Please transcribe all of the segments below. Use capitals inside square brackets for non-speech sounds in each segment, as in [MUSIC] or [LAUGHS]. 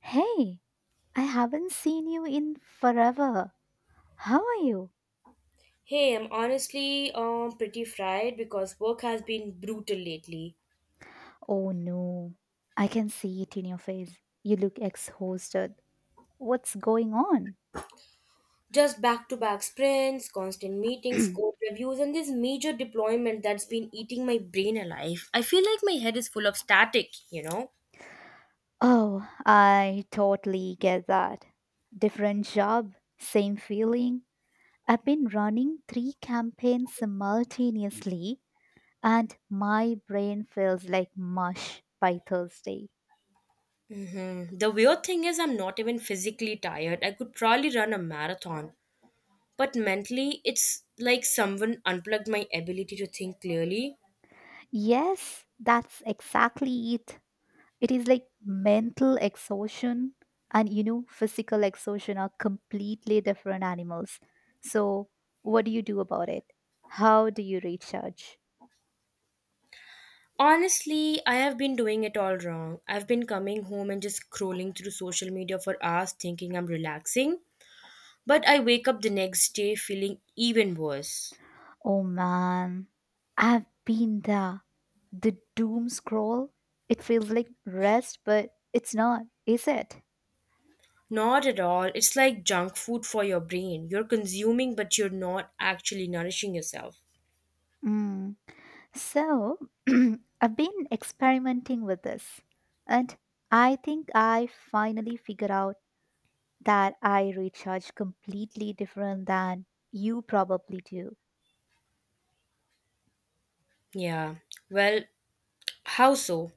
Hey, I haven't seen you in forever. How are you? Hey, I'm honestly pretty fried because work has been brutal lately. Oh no, I can see it in your face. You look exhausted. What's going on? Just back-to-back sprints, constant meetings, [CLEARS THROAT] code reviews, and this major deployment that's been eating my brain alive. I feel like my head is full of static, you know? Oh, I totally get that. Different job, same feeling. I've been running three campaigns simultaneously, and my brain feels like mush by Thursday. The weird thing is, I'm not even physically tired. I could probably run a marathon, but mentally, it's like someone unplugged my ability to think clearly. Yes, that's exactly it. It is like mental exhaustion and physical exhaustion are completely different animals. So what do you do about it? How do you recharge? Honestly, I have been doing it all wrong. I've been coming home and just scrolling through social media for hours thinking I'm relaxing, but I wake up the next day feeling even worse. Oh man, I've been there. The doom scroll. It feels like rest, but it's not, is it? Not at all. It's like junk food for your brain. You're consuming, but you're not actually nourishing yourself. Mm. So [CLEARS THROAT] I've been experimenting with this, and I think I finally figured out that I recharge completely different than you probably do. Yeah. Well, how so?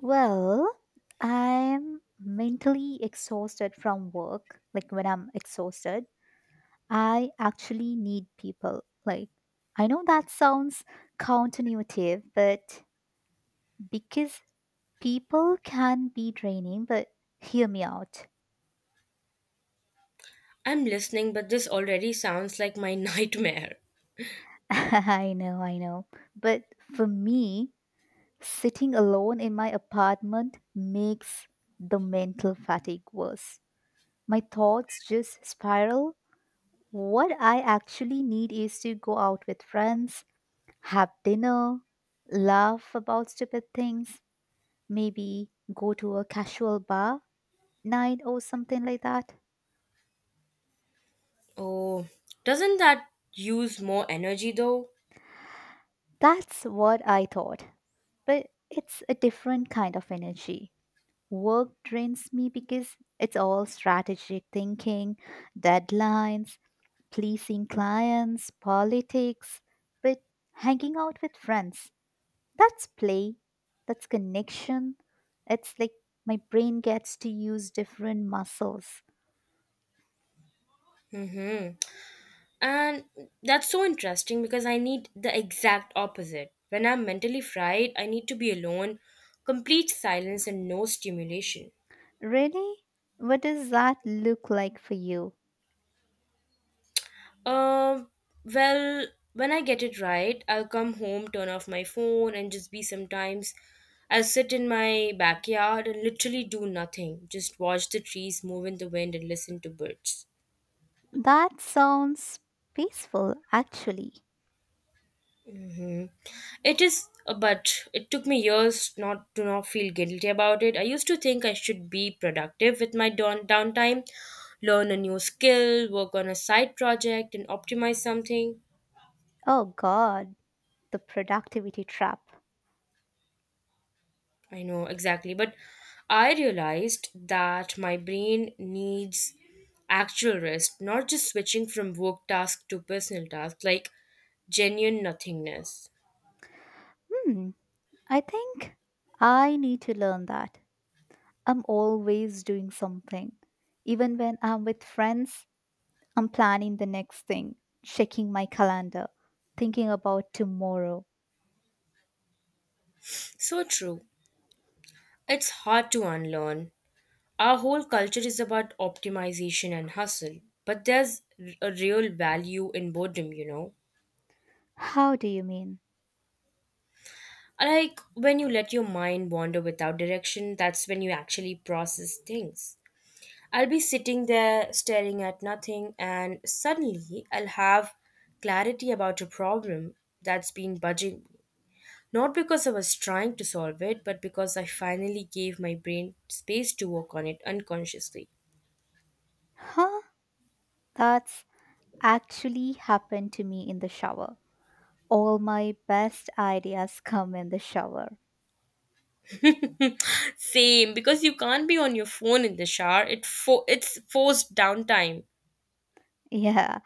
Well, I'm mentally exhausted from work. Like when I'm exhausted, I actually need people. Like, I know that sounds counterintuitive, but because people can be draining, but hear me out. I'm listening, but this already sounds like my [LAUGHS] nightmare. [LAUGHS] I know, I know. But for me, sitting alone in my apartment makes the mental fatigue worse. My thoughts just spiral. What I actually need is to go out with friends, have dinner, laugh about stupid things, maybe go to a casual bar night or something like that. Oh, doesn't that use more energy though? That's what I thought. But it's a different kind of energy. Work drains me because it's all strategic thinking, deadlines, pleasing clients, politics, but hanging out with friends. That's play, that's connection. It's like my brain gets to use different muscles. Mm hmm. And that's so interesting because I need the exact opposite. When I'm mentally fried, I need to be alone, complete silence, and no stimulation. Really? What does that look like for you? Um, well, when I get it right, I'll come home, turn off my phone, and just be sometimes. I'll sit in my backyard and literally do nothing, just watch the trees move in the wind and listen to birds. That sounds peaceful, actually. Mhm. It is, but it took me years not to not feel guilty about it. I used to think I should be productive with my downtime, learn a new skill, work on a side project, and optimize something. Oh, God, the productivity trap. I know exactly, but I realized that my brain needs actual rest, not just switching from work task to personal task, like genuine nothingness. Hmm, I think I need to learn that. I'm always doing something. Even when I'm with friends, I'm planning the next thing, checking my calendar, thinking about tomorrow. So true. It's hard to unlearn. Our whole culture is about optimization and hustle, but there's a real value in boredom, you know? How do you mean? Like when you let your mind wander without direction, that's when you actually process things. I'll be sitting there staring at nothing, and suddenly I'll have clarity about a problem that's been bugging me. Not because I was trying to solve it, but because I finally gave my brain space to work on it unconsciously. Huh? That's actually happened to me in the shower. All my best ideas come in the shower. [LAUGHS] Same, because you can't be on your phone in the shower. It's forced downtime. Yeah.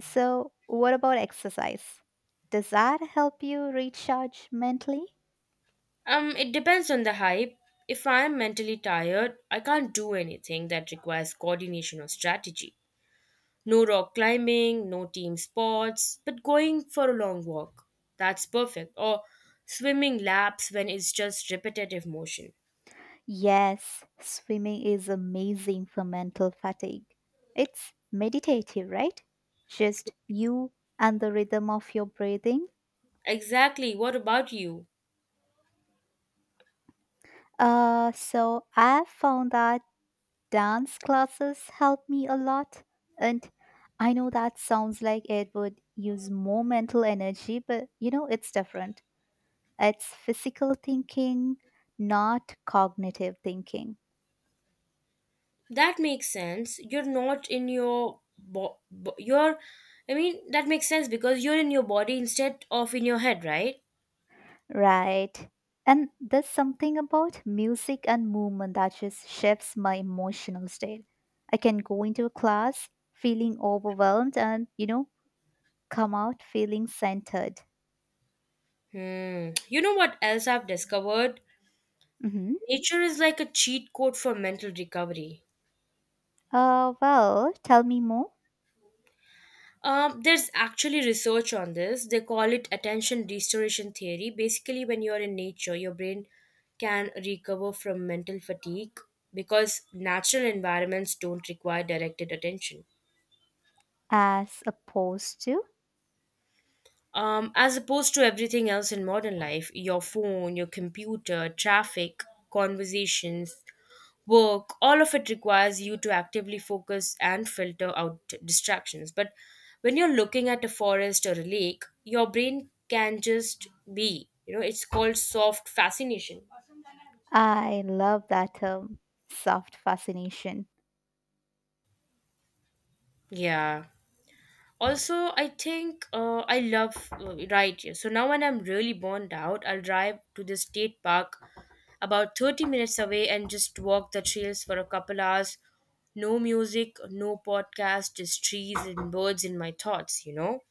So, what about exercise? Does that help you recharge mentally? It depends on the hype. If I am mentally tired, I can't do anything that requires coordination or strategy. No rock climbing, no team sports, but going for a long walk. That's perfect. Or swimming laps when it's just repetitive motion. Yes, swimming is amazing for mental fatigue. It's meditative, right? Just you and the rhythm of your breathing. Exactly. What about you? So I found that dance classes help me a lot. And I know that sounds like it would use more mental energy, but it's different. It's physical thinking, not cognitive thinking. That makes sense. You're not in your bo- bo- you I mean that makes sense because you're in your body instead of in your head, right? Right. And there's something about music and movement that just shifts my emotional state. I can go into a class feeling overwhelmed and, come out feeling centered. You know what else I've discovered? Mm-hmm. Nature is like a cheat code for mental recovery. Well, tell me more. There's actually research on this. They call it attention restoration theory. Basically, when you're in nature your brain can recover from mental fatigue because natural environments don't require directed attention. As opposed to, As opposed to everything else in modern life, your phone, your computer, traffic, conversations, work, all of it requires you to actively focus and filter out distractions. But when you're looking at a forest or a lake, your brain can just be. You know, it's called soft fascination. I love that term, soft fascination. Yeah. Also, I think I love right here so now, when I'm really burned out, I'll drive to the state park about 30 minutes away and just walk the trails for a couple hours. No music, no podcast, just trees and birds in my thoughts, you know?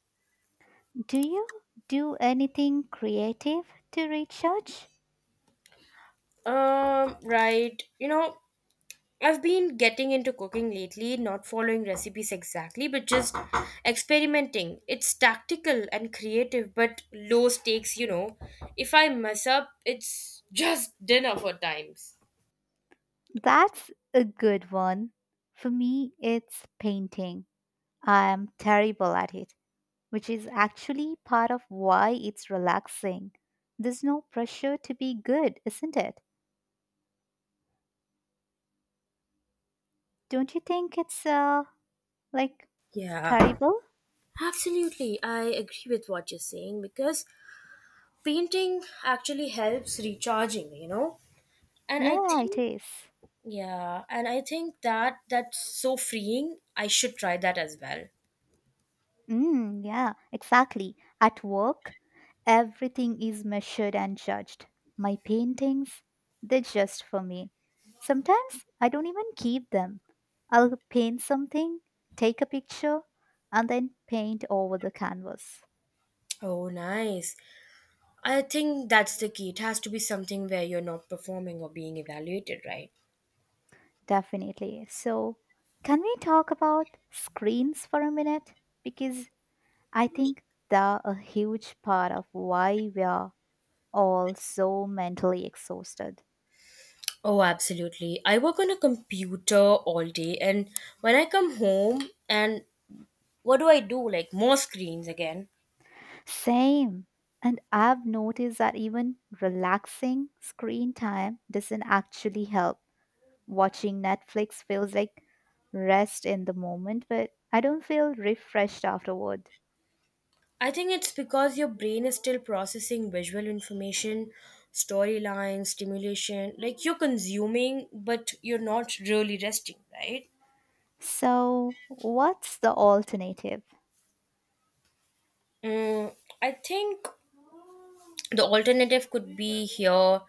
Do you do anything creative to recharge? um right you know I've been getting into cooking lately, not following recipes exactly, but just experimenting. It's tactical and creative, but low stakes, you know. If I mess up, it's [LAUGHS] just dinner for times. That's a good one. For me, it's painting. I'm terrible at it, which is actually part of why it's relaxing. There's no pressure to be good, isn't it? Don't you think it's like Yeah, terrible? absolutely. I agree with what you're saying because painting actually helps recharging, you know? And I Yeah, it think, is. yeah, and I think that that's so freeing. I should try that as well. Mm, yeah, exactly. At work, everything is measured and judged. My paintings, they're just for me. Sometimes I don't even keep them. I'll paint something, take a picture, and then paint over the canvas. Oh, nice. I think that's the key. It has to be something where you're not performing or being evaluated, right? Definitely. So, can we talk about screens for a minute? Because I think they're a huge part of why we are all so mentally exhausted. Oh, absolutely. I work on a computer all day, and when I come home, and what do I do? Like, more screens again. Same. And I've noticed that even relaxing screen time doesn't actually help. Watching Netflix feels like rest in the moment, but I don't feel refreshed afterward. I think it's because your brain is still processing visual information, storyline, stimulation. Like, you're consuming, but you're not really resting, right? So, what's the alternative? Mm, I think the alternative could be here.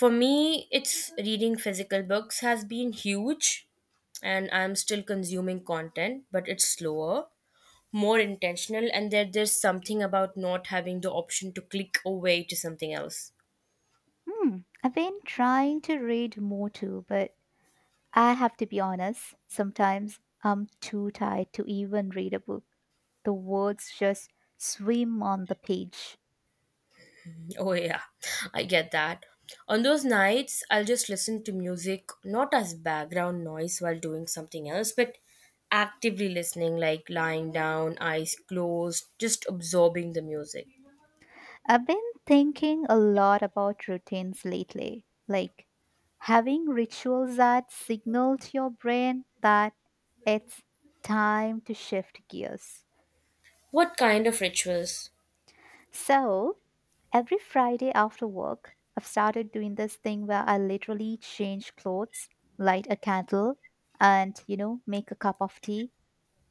For me, it's reading physical books has been huge, and I'm still consuming content, but it's slower, more intentional, and there's something about not having the option to click away to something else. Hmm, I've been trying to read more too, but I have to be honest, sometimes I'm too tired to even read a book. The words just swim on the page. Oh, yeah, I get that. On those nights, I'll just listen to music, not as background noise while doing something else, but actively listening, like lying down, eyes closed, just absorbing the music. I've been thinking a lot about routines lately, like having rituals that signal to your brain that it's time to shift gears. What kind of rituals? So, every Friday after work, I've started doing this thing where I literally change clothes, light a candle, and, make a cup of tea.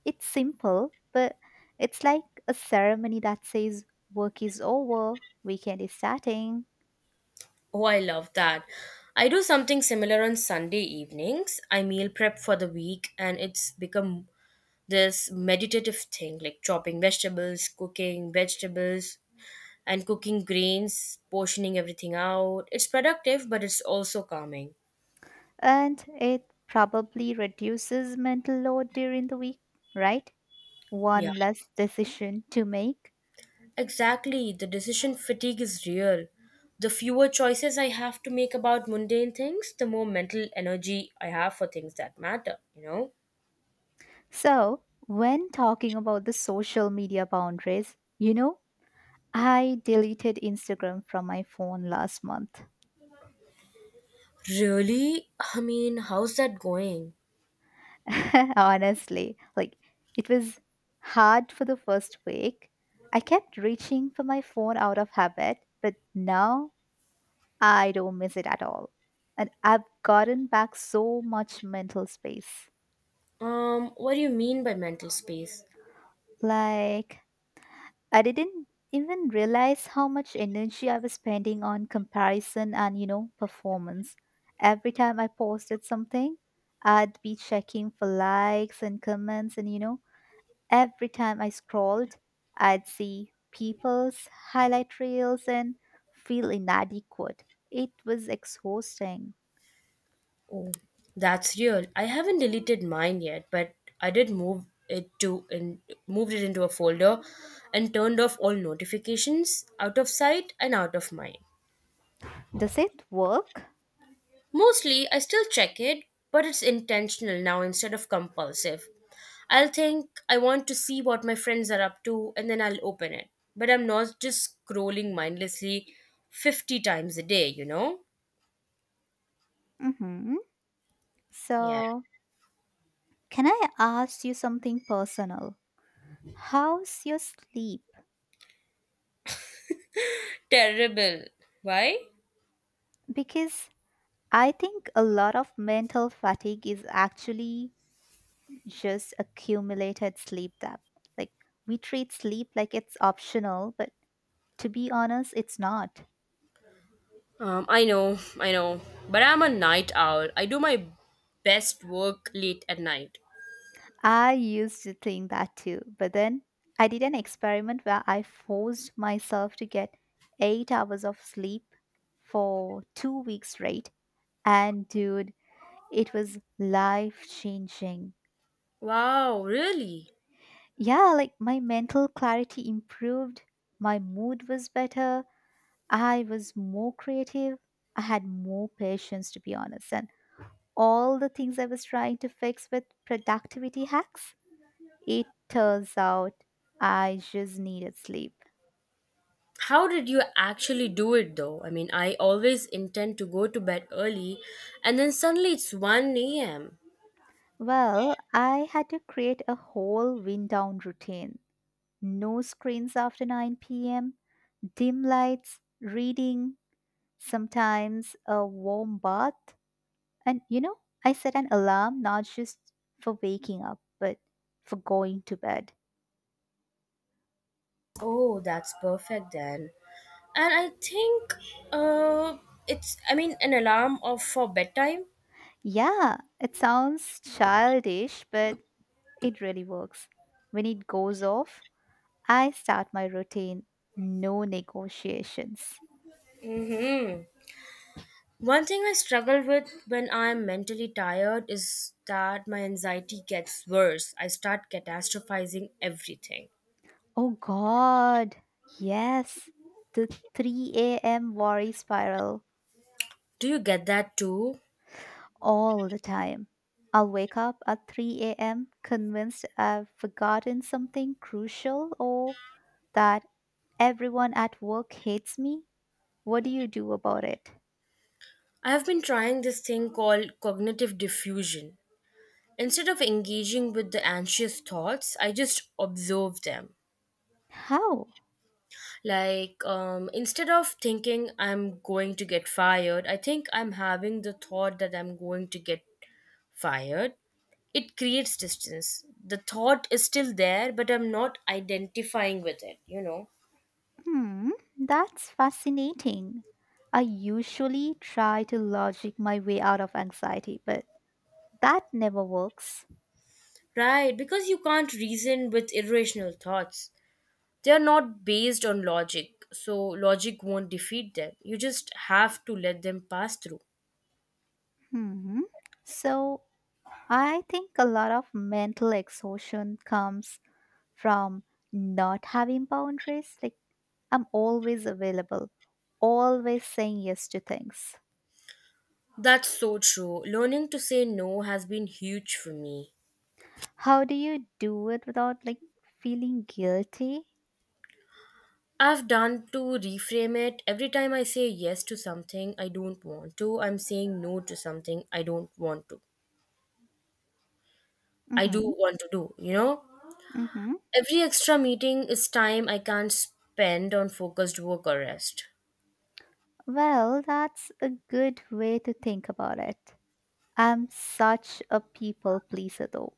It's simple, but it's like a ceremony that says work is over, weekend is starting. Oh, I love that. I do something similar on Sunday evenings. I meal prep for the week and it's become this meditative thing like chopping vegetables, cooking vegetables, and cooking grains, portioning everything out. It's productive, but it's also calming. And it probably reduces mental load during the week, right? Yeah, One less decision to make. exactly. The decision fatigue is real. The fewer choices I have to make about mundane things, the more mental energy I have for things that matter, you know? So, when talking about the social media boundaries, I deleted Instagram from my phone last month. Really? I mean, how's that going? [LAUGHS] Honestly, like it was hard for the first week. I kept reaching for my phone out of habit, but now I don't miss it at all. And I've gotten back so much mental space. What do you mean by mental space? Like, I didn't even realize how much energy I was spending on comparison and, performance. Every time I posted something, I'd be checking for likes and comments, and, every time I scrolled, I'd see people's highlight reels and feel inadequate. It was exhausting. Oh, that's real. I haven't deleted mine yet, but I did moved it into a folder and turned off all notifications, out of sight and out of mind. Does it work? Mostly, I still check it, but it's intentional now instead of compulsive. I'll think I want to see what my friends are up to and then I'll open it. But I'm not just scrolling mindlessly 50 times a day, you know? Mm-hmm. Yeah. So, can I ask you something personal? How's your sleep? Terrible. Why? Because I think a lot of mental fatigue is actually just accumulated sleep debt. Like we treat sleep like it's optional, but to be honest, it's not. I know, but I'm a night owl. I do my best work late at night. I used to think that too, but then I did an experiment where I forced myself to get 8 hours of sleep for 2 weeks straight. And dude, it was life changing. Wow, really? Yeah, like my mental clarity improved, my mood was better, I was more creative, I had more patience to be honest, and all the things I was trying to fix with productivity hacks, it turns out I just needed sleep. How did you actually do it though? I mean, I always intend to go to bed early and then suddenly it's 1 a.m. Well, I had to create a whole wind down routine. No screens after 9 p.m., dim lights, reading, sometimes a warm bath. And I set an alarm not just for waking up, but for going to bed. Oh, that's perfect then. And I think uh it's, I mean, an alarm of for bedtime. Yeah, it sounds childish, but it really works. When it goes off, I start my routine, no negotiations. Mhm. One thing I struggle with when I'm mentally tired is that my anxiety gets worse. I start catastrophizing everything. Oh god, yes, the 3 a.m. worry spiral Do you get that too? all the time. I'll wake up at 3 a.m. convinced I've forgotten something crucial or that everyone at work hates me. What do you do about it? I have been trying this thing called cognitive diffusion. Instead of engaging with the anxious thoughts, I just observe them. How? Like, instead of thinking I'm going to get fired, I think I'm having the thought that I'm going to get fired. It creates distance. The thought is still there, but I'm not identifying with it, you know. Hmm, that's fascinating. I usually try to logic my way out of anxiety, but that never works. Right, because you can't reason with irrational thoughts. They are not based on logic, so logic won't defeat them. You just have to let them pass through. Hmm. So, I think a lot of mental exhaustion comes from not having boundaries. Like, I'm always available, always saying yes to things. That's so true. Learning to say no has been huge for me. How do you do it without like feeling guilty? I've done to reframe it. Every time I say yes to something I don't want to, I'm saying no to something I don't want to. I do Mhm. want to do, you know? Mhm. Every extra meeting is time I can't spend on focused work or rest. Well, that's a good way to think about it. I'm such a people pleaser though.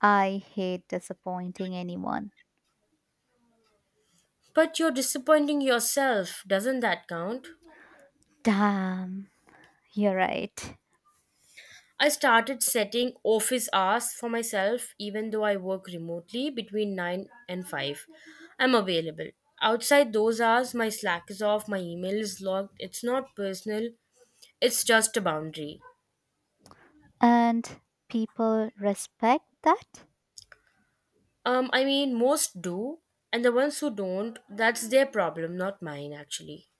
I hate disappointing anyone. But you're disappointing yourself, doesn't that count? Damn, you're right. I started setting office hours for myself even though I work remotely. Between 9 and 5, I'm available. Outside those hours, my Slack is off, my email is logged. It's not personal, it's just a boundary. And people respect that? I mean, most do, and the ones who don't, that's their problem, not mine, actually.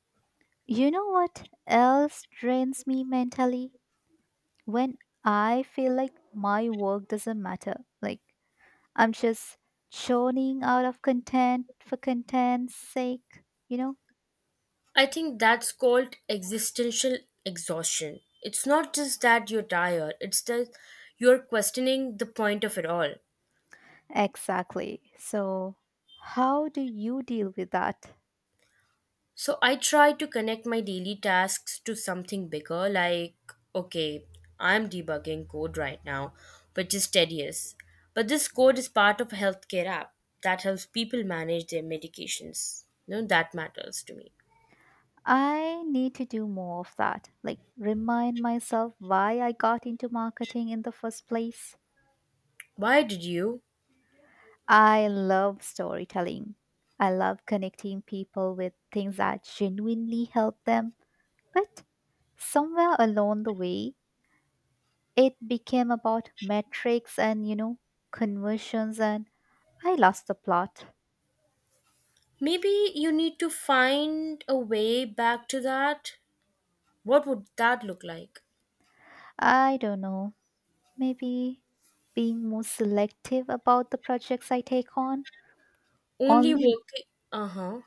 You know what else drains me mentally? When I feel like my work doesn't matter. Like I'm just churning out of content for content's sake, you know? I think that's called existential exhaustion. It's not just that you're tired, it's that you're questioning the point of it all. Exactly. So, how do you deal with that? So I try to connect my daily tasks to something bigger, like, okay, I'm debugging code right now, which is tedious. But this code is part of a healthcare app that helps people manage their medications. No, that matters to me. I need to do more of that. Like, remind myself why I got into marketing in the first place. Why did you? I love storytelling. I love connecting people with things that genuinely help them. But somewhere along the way, it became about metrics and, conversions, and I lost the plot. Maybe you need to find a way back to that. What would that look like? I don't know. Maybe being more selective about the projects I take on. Only Only, working. Uh huh.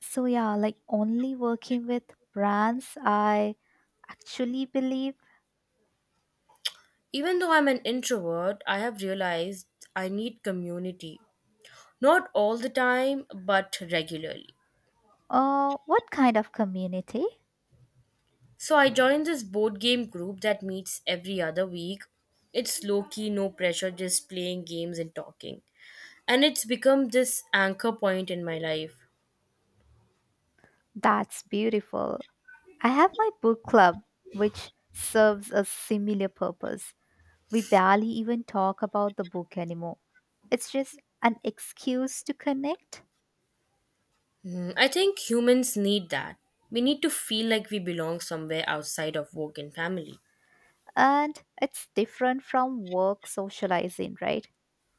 so yeah, like only working with brands I actually believe. Even though I'm an introvert, I have realized I need community. Not all the time, but regularly. Oh, what kind of community? So I joined this board game group that meets every other week. It's low key, no pressure, just playing games and talking. And it's become this anchor point in my life. That's beautiful. I have my book club, which serves a similar purpose. We barely even talk about the book anymore. It's just an excuse to connect, Hmm, I think humans need that. We need to feel like we belong somewhere outside of work and family. and it's different from work socializing, right?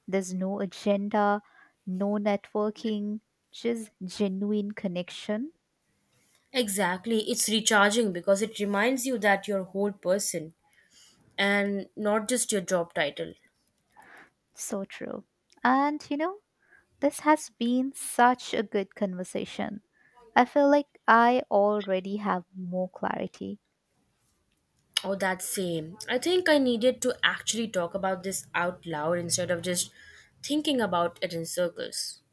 There's no agenda, no networking, just genuine connection. Exactly. It's recharging because it reminds you that you're a whole person and not just your job title. So true. And this has been such a good conversation. I feel like I already have more clarity. Oh, that same. I think I needed to actually talk about this out loud instead of just thinking about it in circles.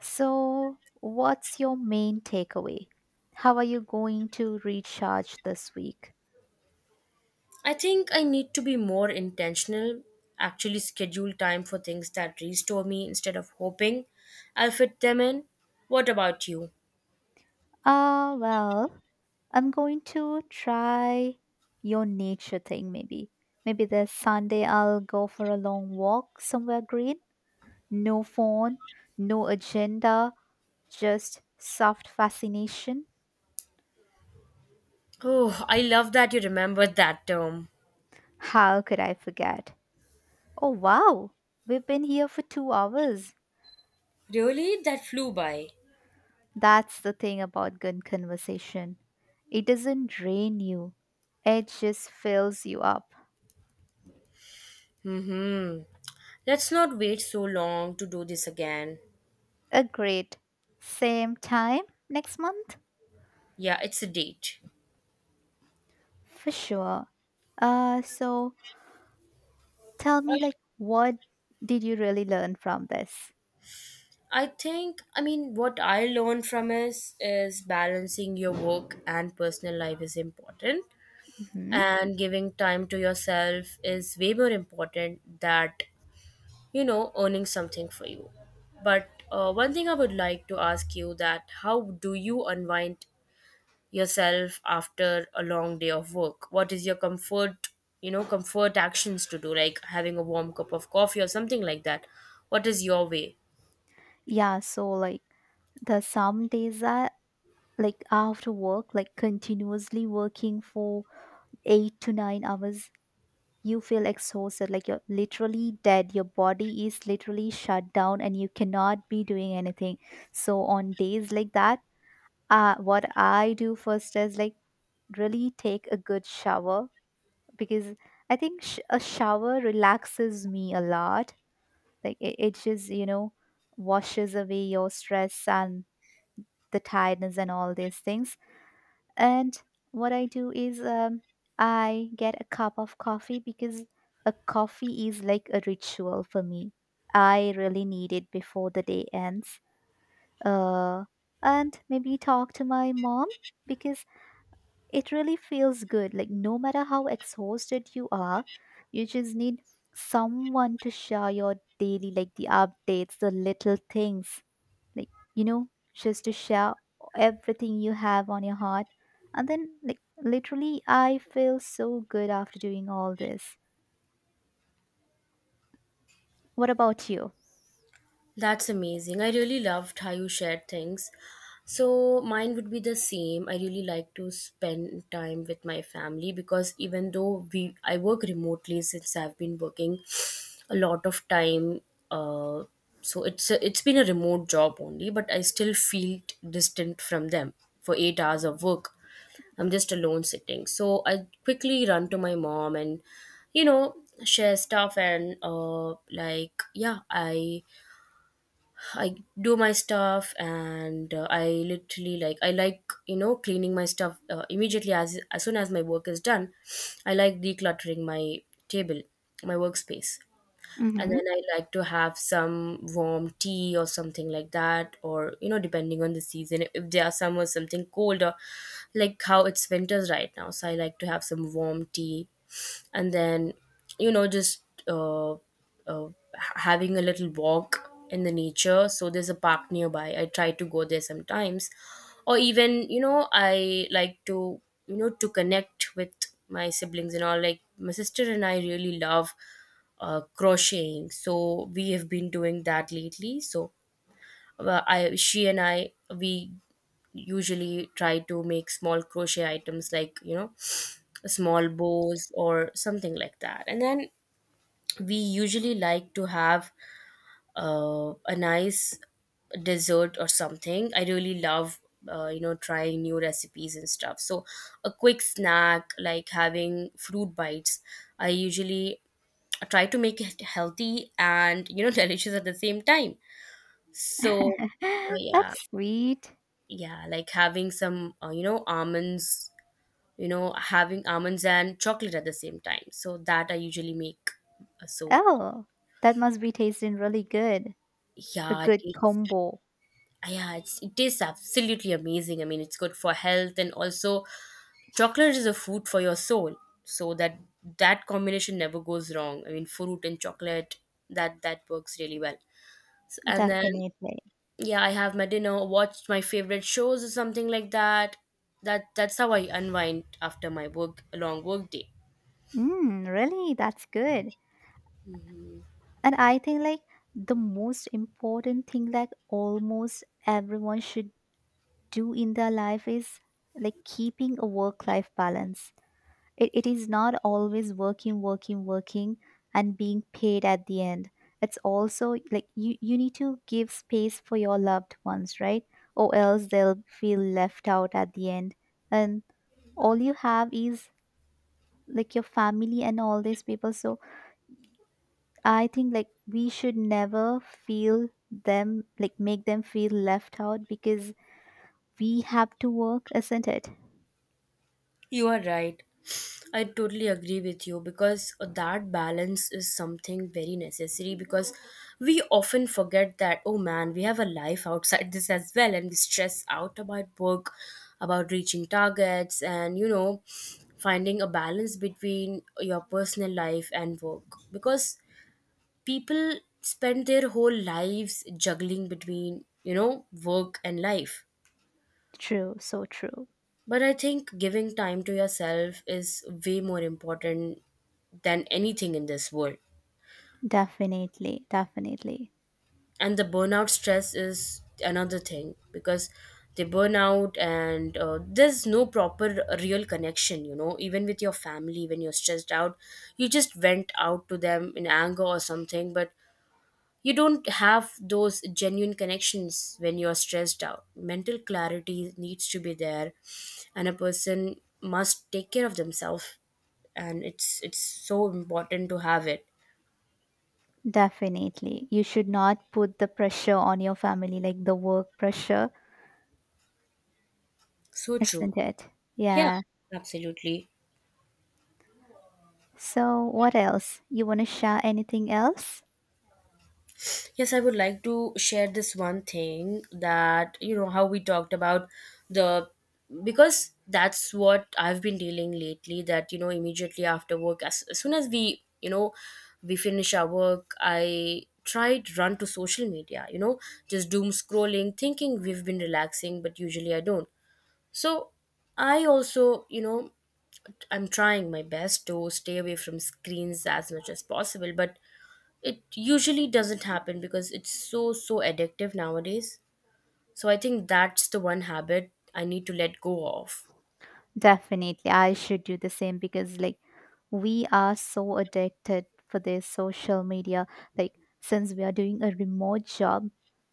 So, what's your main takeaway? How are you going to recharge this week? I think I need to be more intentional, actually schedule time for things that restore me instead of hoping I'll fit them in. What about you? Well, I'm going to try your nature thing maybe. Maybe this Sunday I'll go for a long walk somewhere green. No phone, no agenda, just soft fascination. Oh, I love that you remembered that term. How could I forget? Oh, wow, we've been here for 2 hours. Really? That flew by. That's the thing about good conversation. It doesn't drain you, it just fills you up. Mm-hmm. Let's not wait so long to do this again. A great. Same time next month? Yeah, it's a date. For sure. So tell me, like, what did you really learn from this? I mean what I learned from is balancing your work and personal life is important, Hmm, and giving time to yourself is way more important that earning something for you. But one thing I would like to ask you that how do you unwind yourself after a long day of work, what is your comfort, comfort actions to do, like having a warm cup of coffee or something like that, what is your way? Yeah, so like the some days that like after work, like continuously working for 8 to 9 hours, you feel exhausted, like you're literally dead. Your body is literally shut down, and you cannot be doing anything. So on days like that, what I do first is like really take a good shower because I think a shower relaxes me a lot. Like it just, washes away your stress and the tiredness and all these things. And what I do is I get a cup of coffee because a coffee is like a ritual for me. I really need it before the day ends. Uh, and maybe talk to my mom because it really feels good. Like, no matter how exhausted you are, you just need someone to share your daily, like the updates, the little things, like, just to share everything you have on your heart. And then, like, literally, I feel so good after doing all this. What about you? That's amazing. I really loved how you shared things. So, mine would be the same. I really like to spend time with my family because even though we I work remotely, since I've been working a lot of time, uh so it's been a remote job only, but I still feel distant from them for 8 hours of work. I'm just alone sitting. So, I quickly run to my mom and, you know, share stuff, and like yeah, I do my stuff. And I literally, like, I like, cleaning my stuff, immediately as soon as my work is done. I like decluttering my table, my workspace. And Mm-hmm. then I like to have some warm tea or something like that, or you know, depending on the season, if there are some, or something cold, or, like, how it's winters right now, so I like to have some warm tea. And then, you know, just uh, uh, having a little walk in the nature. So there's a park nearby, I try to go there sometimes, or even, you know, I like to, you know, to connect with my siblings and all, like my sister. And I really love, crocheting, so we have been doing that lately. So well, she and I, we usually try to make small crochet items, like, you know, small bows or something like that. And then we usually like to have a nice dessert or something. I really love, you know, trying new recipes and stuff. So a quick snack, like having fruit bites. I usually try to make it healthy and, you know, [LAUGHS] delicious at the same time. So, [LAUGHS] That's yeah. sweet. Yeah, like having some, you know, almonds. You know, having almonds and chocolate at the same time, so that I usually make. So Oh, that must be tasting really good. A yeah good it's, combo. yeah, it's, it tastes absolutely amazing. I mean, it's good for health, and also chocolate is a food for your soul. So that that combination never goes wrong. I mean, fruit and chocolate, that works really well. So, and then Definitely. yeah, I have my dinner, watched my favorite shows or something like that. That's how I unwind after my work, a long work day. Mm, really? That's good. And I think like the most important thing like almost everyone should do in their life is like keeping a work life balance. It is not always working working working and being paid at the end. It's also like you need to give space for your loved ones, right? Or else they'll feel left out at the end. And all you have is like your family and all these people. So I think like we should never feel them like make them feel left out because we have to work, isn't it? You are right. I totally agree with you, because that balance is something very necessary. Because we often forget that, oh man, we have a life outside this as well, and we stress out about work, about reaching targets, and you know, finding a balance between your personal life and work. Because people spend their whole lives juggling between, you know, work and life. True, so true. But I think giving time to yourself is way more important than anything in this world. Definitely, definitely. And the burnout stress is another thing, because they burn out and there's no proper real connection, you know, even with your family when you're stressed out. You just vent out to them in anger or something, but you don't have those genuine connections when you're stressed out. Mental clarity needs to be there, and a person must take care of themselves. And it's so important to have it. Definitely. You should not put the pressure on your family like the work pressure, So true. isn't it? Yeah, Yeah. absolutely. So, what else? You want to share anything else? Yes, I would like to share this one thing that, you know, how we talked about the, because that's what I've been dealing lately. That, you know, immediately after work, as soon as we, you know, we finish our work, I try to run to social media, you know, just doom scrolling, thinking we've been relaxing, but usually I don't. So I also, you know, I'm trying my best to stay away from screens as much as possible, but it usually doesn't happen because it's so, so addictive nowadays. So I think that's the one habit I need to let go of. Definitely. I should do the same because like we are so addicted for this social media. Like since we are doing a remote job,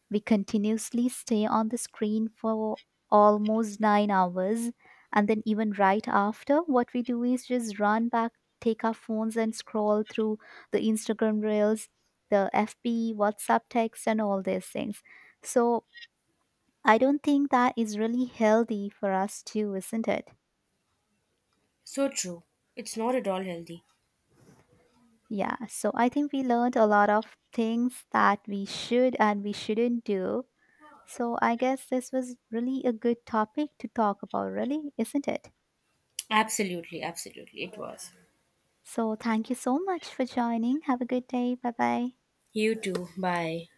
we continuously stay on the screen for almost 9 hours. And then even right after, what we do is just run back, take our phones and scroll through the Instagram reels, the FB, WhatsApp text and all these things. So I don't think that is really healthy for us too, isn't it? So true. It's not at all healthy. Yeah, so I think we learned a lot of things that we should and we shouldn't do. So I guess this was really a good topic to talk about, really, isn't it? Absolutely, absolutely. It was. So thank you so much for joining. Have a good day. Bye bye. You too. Bye.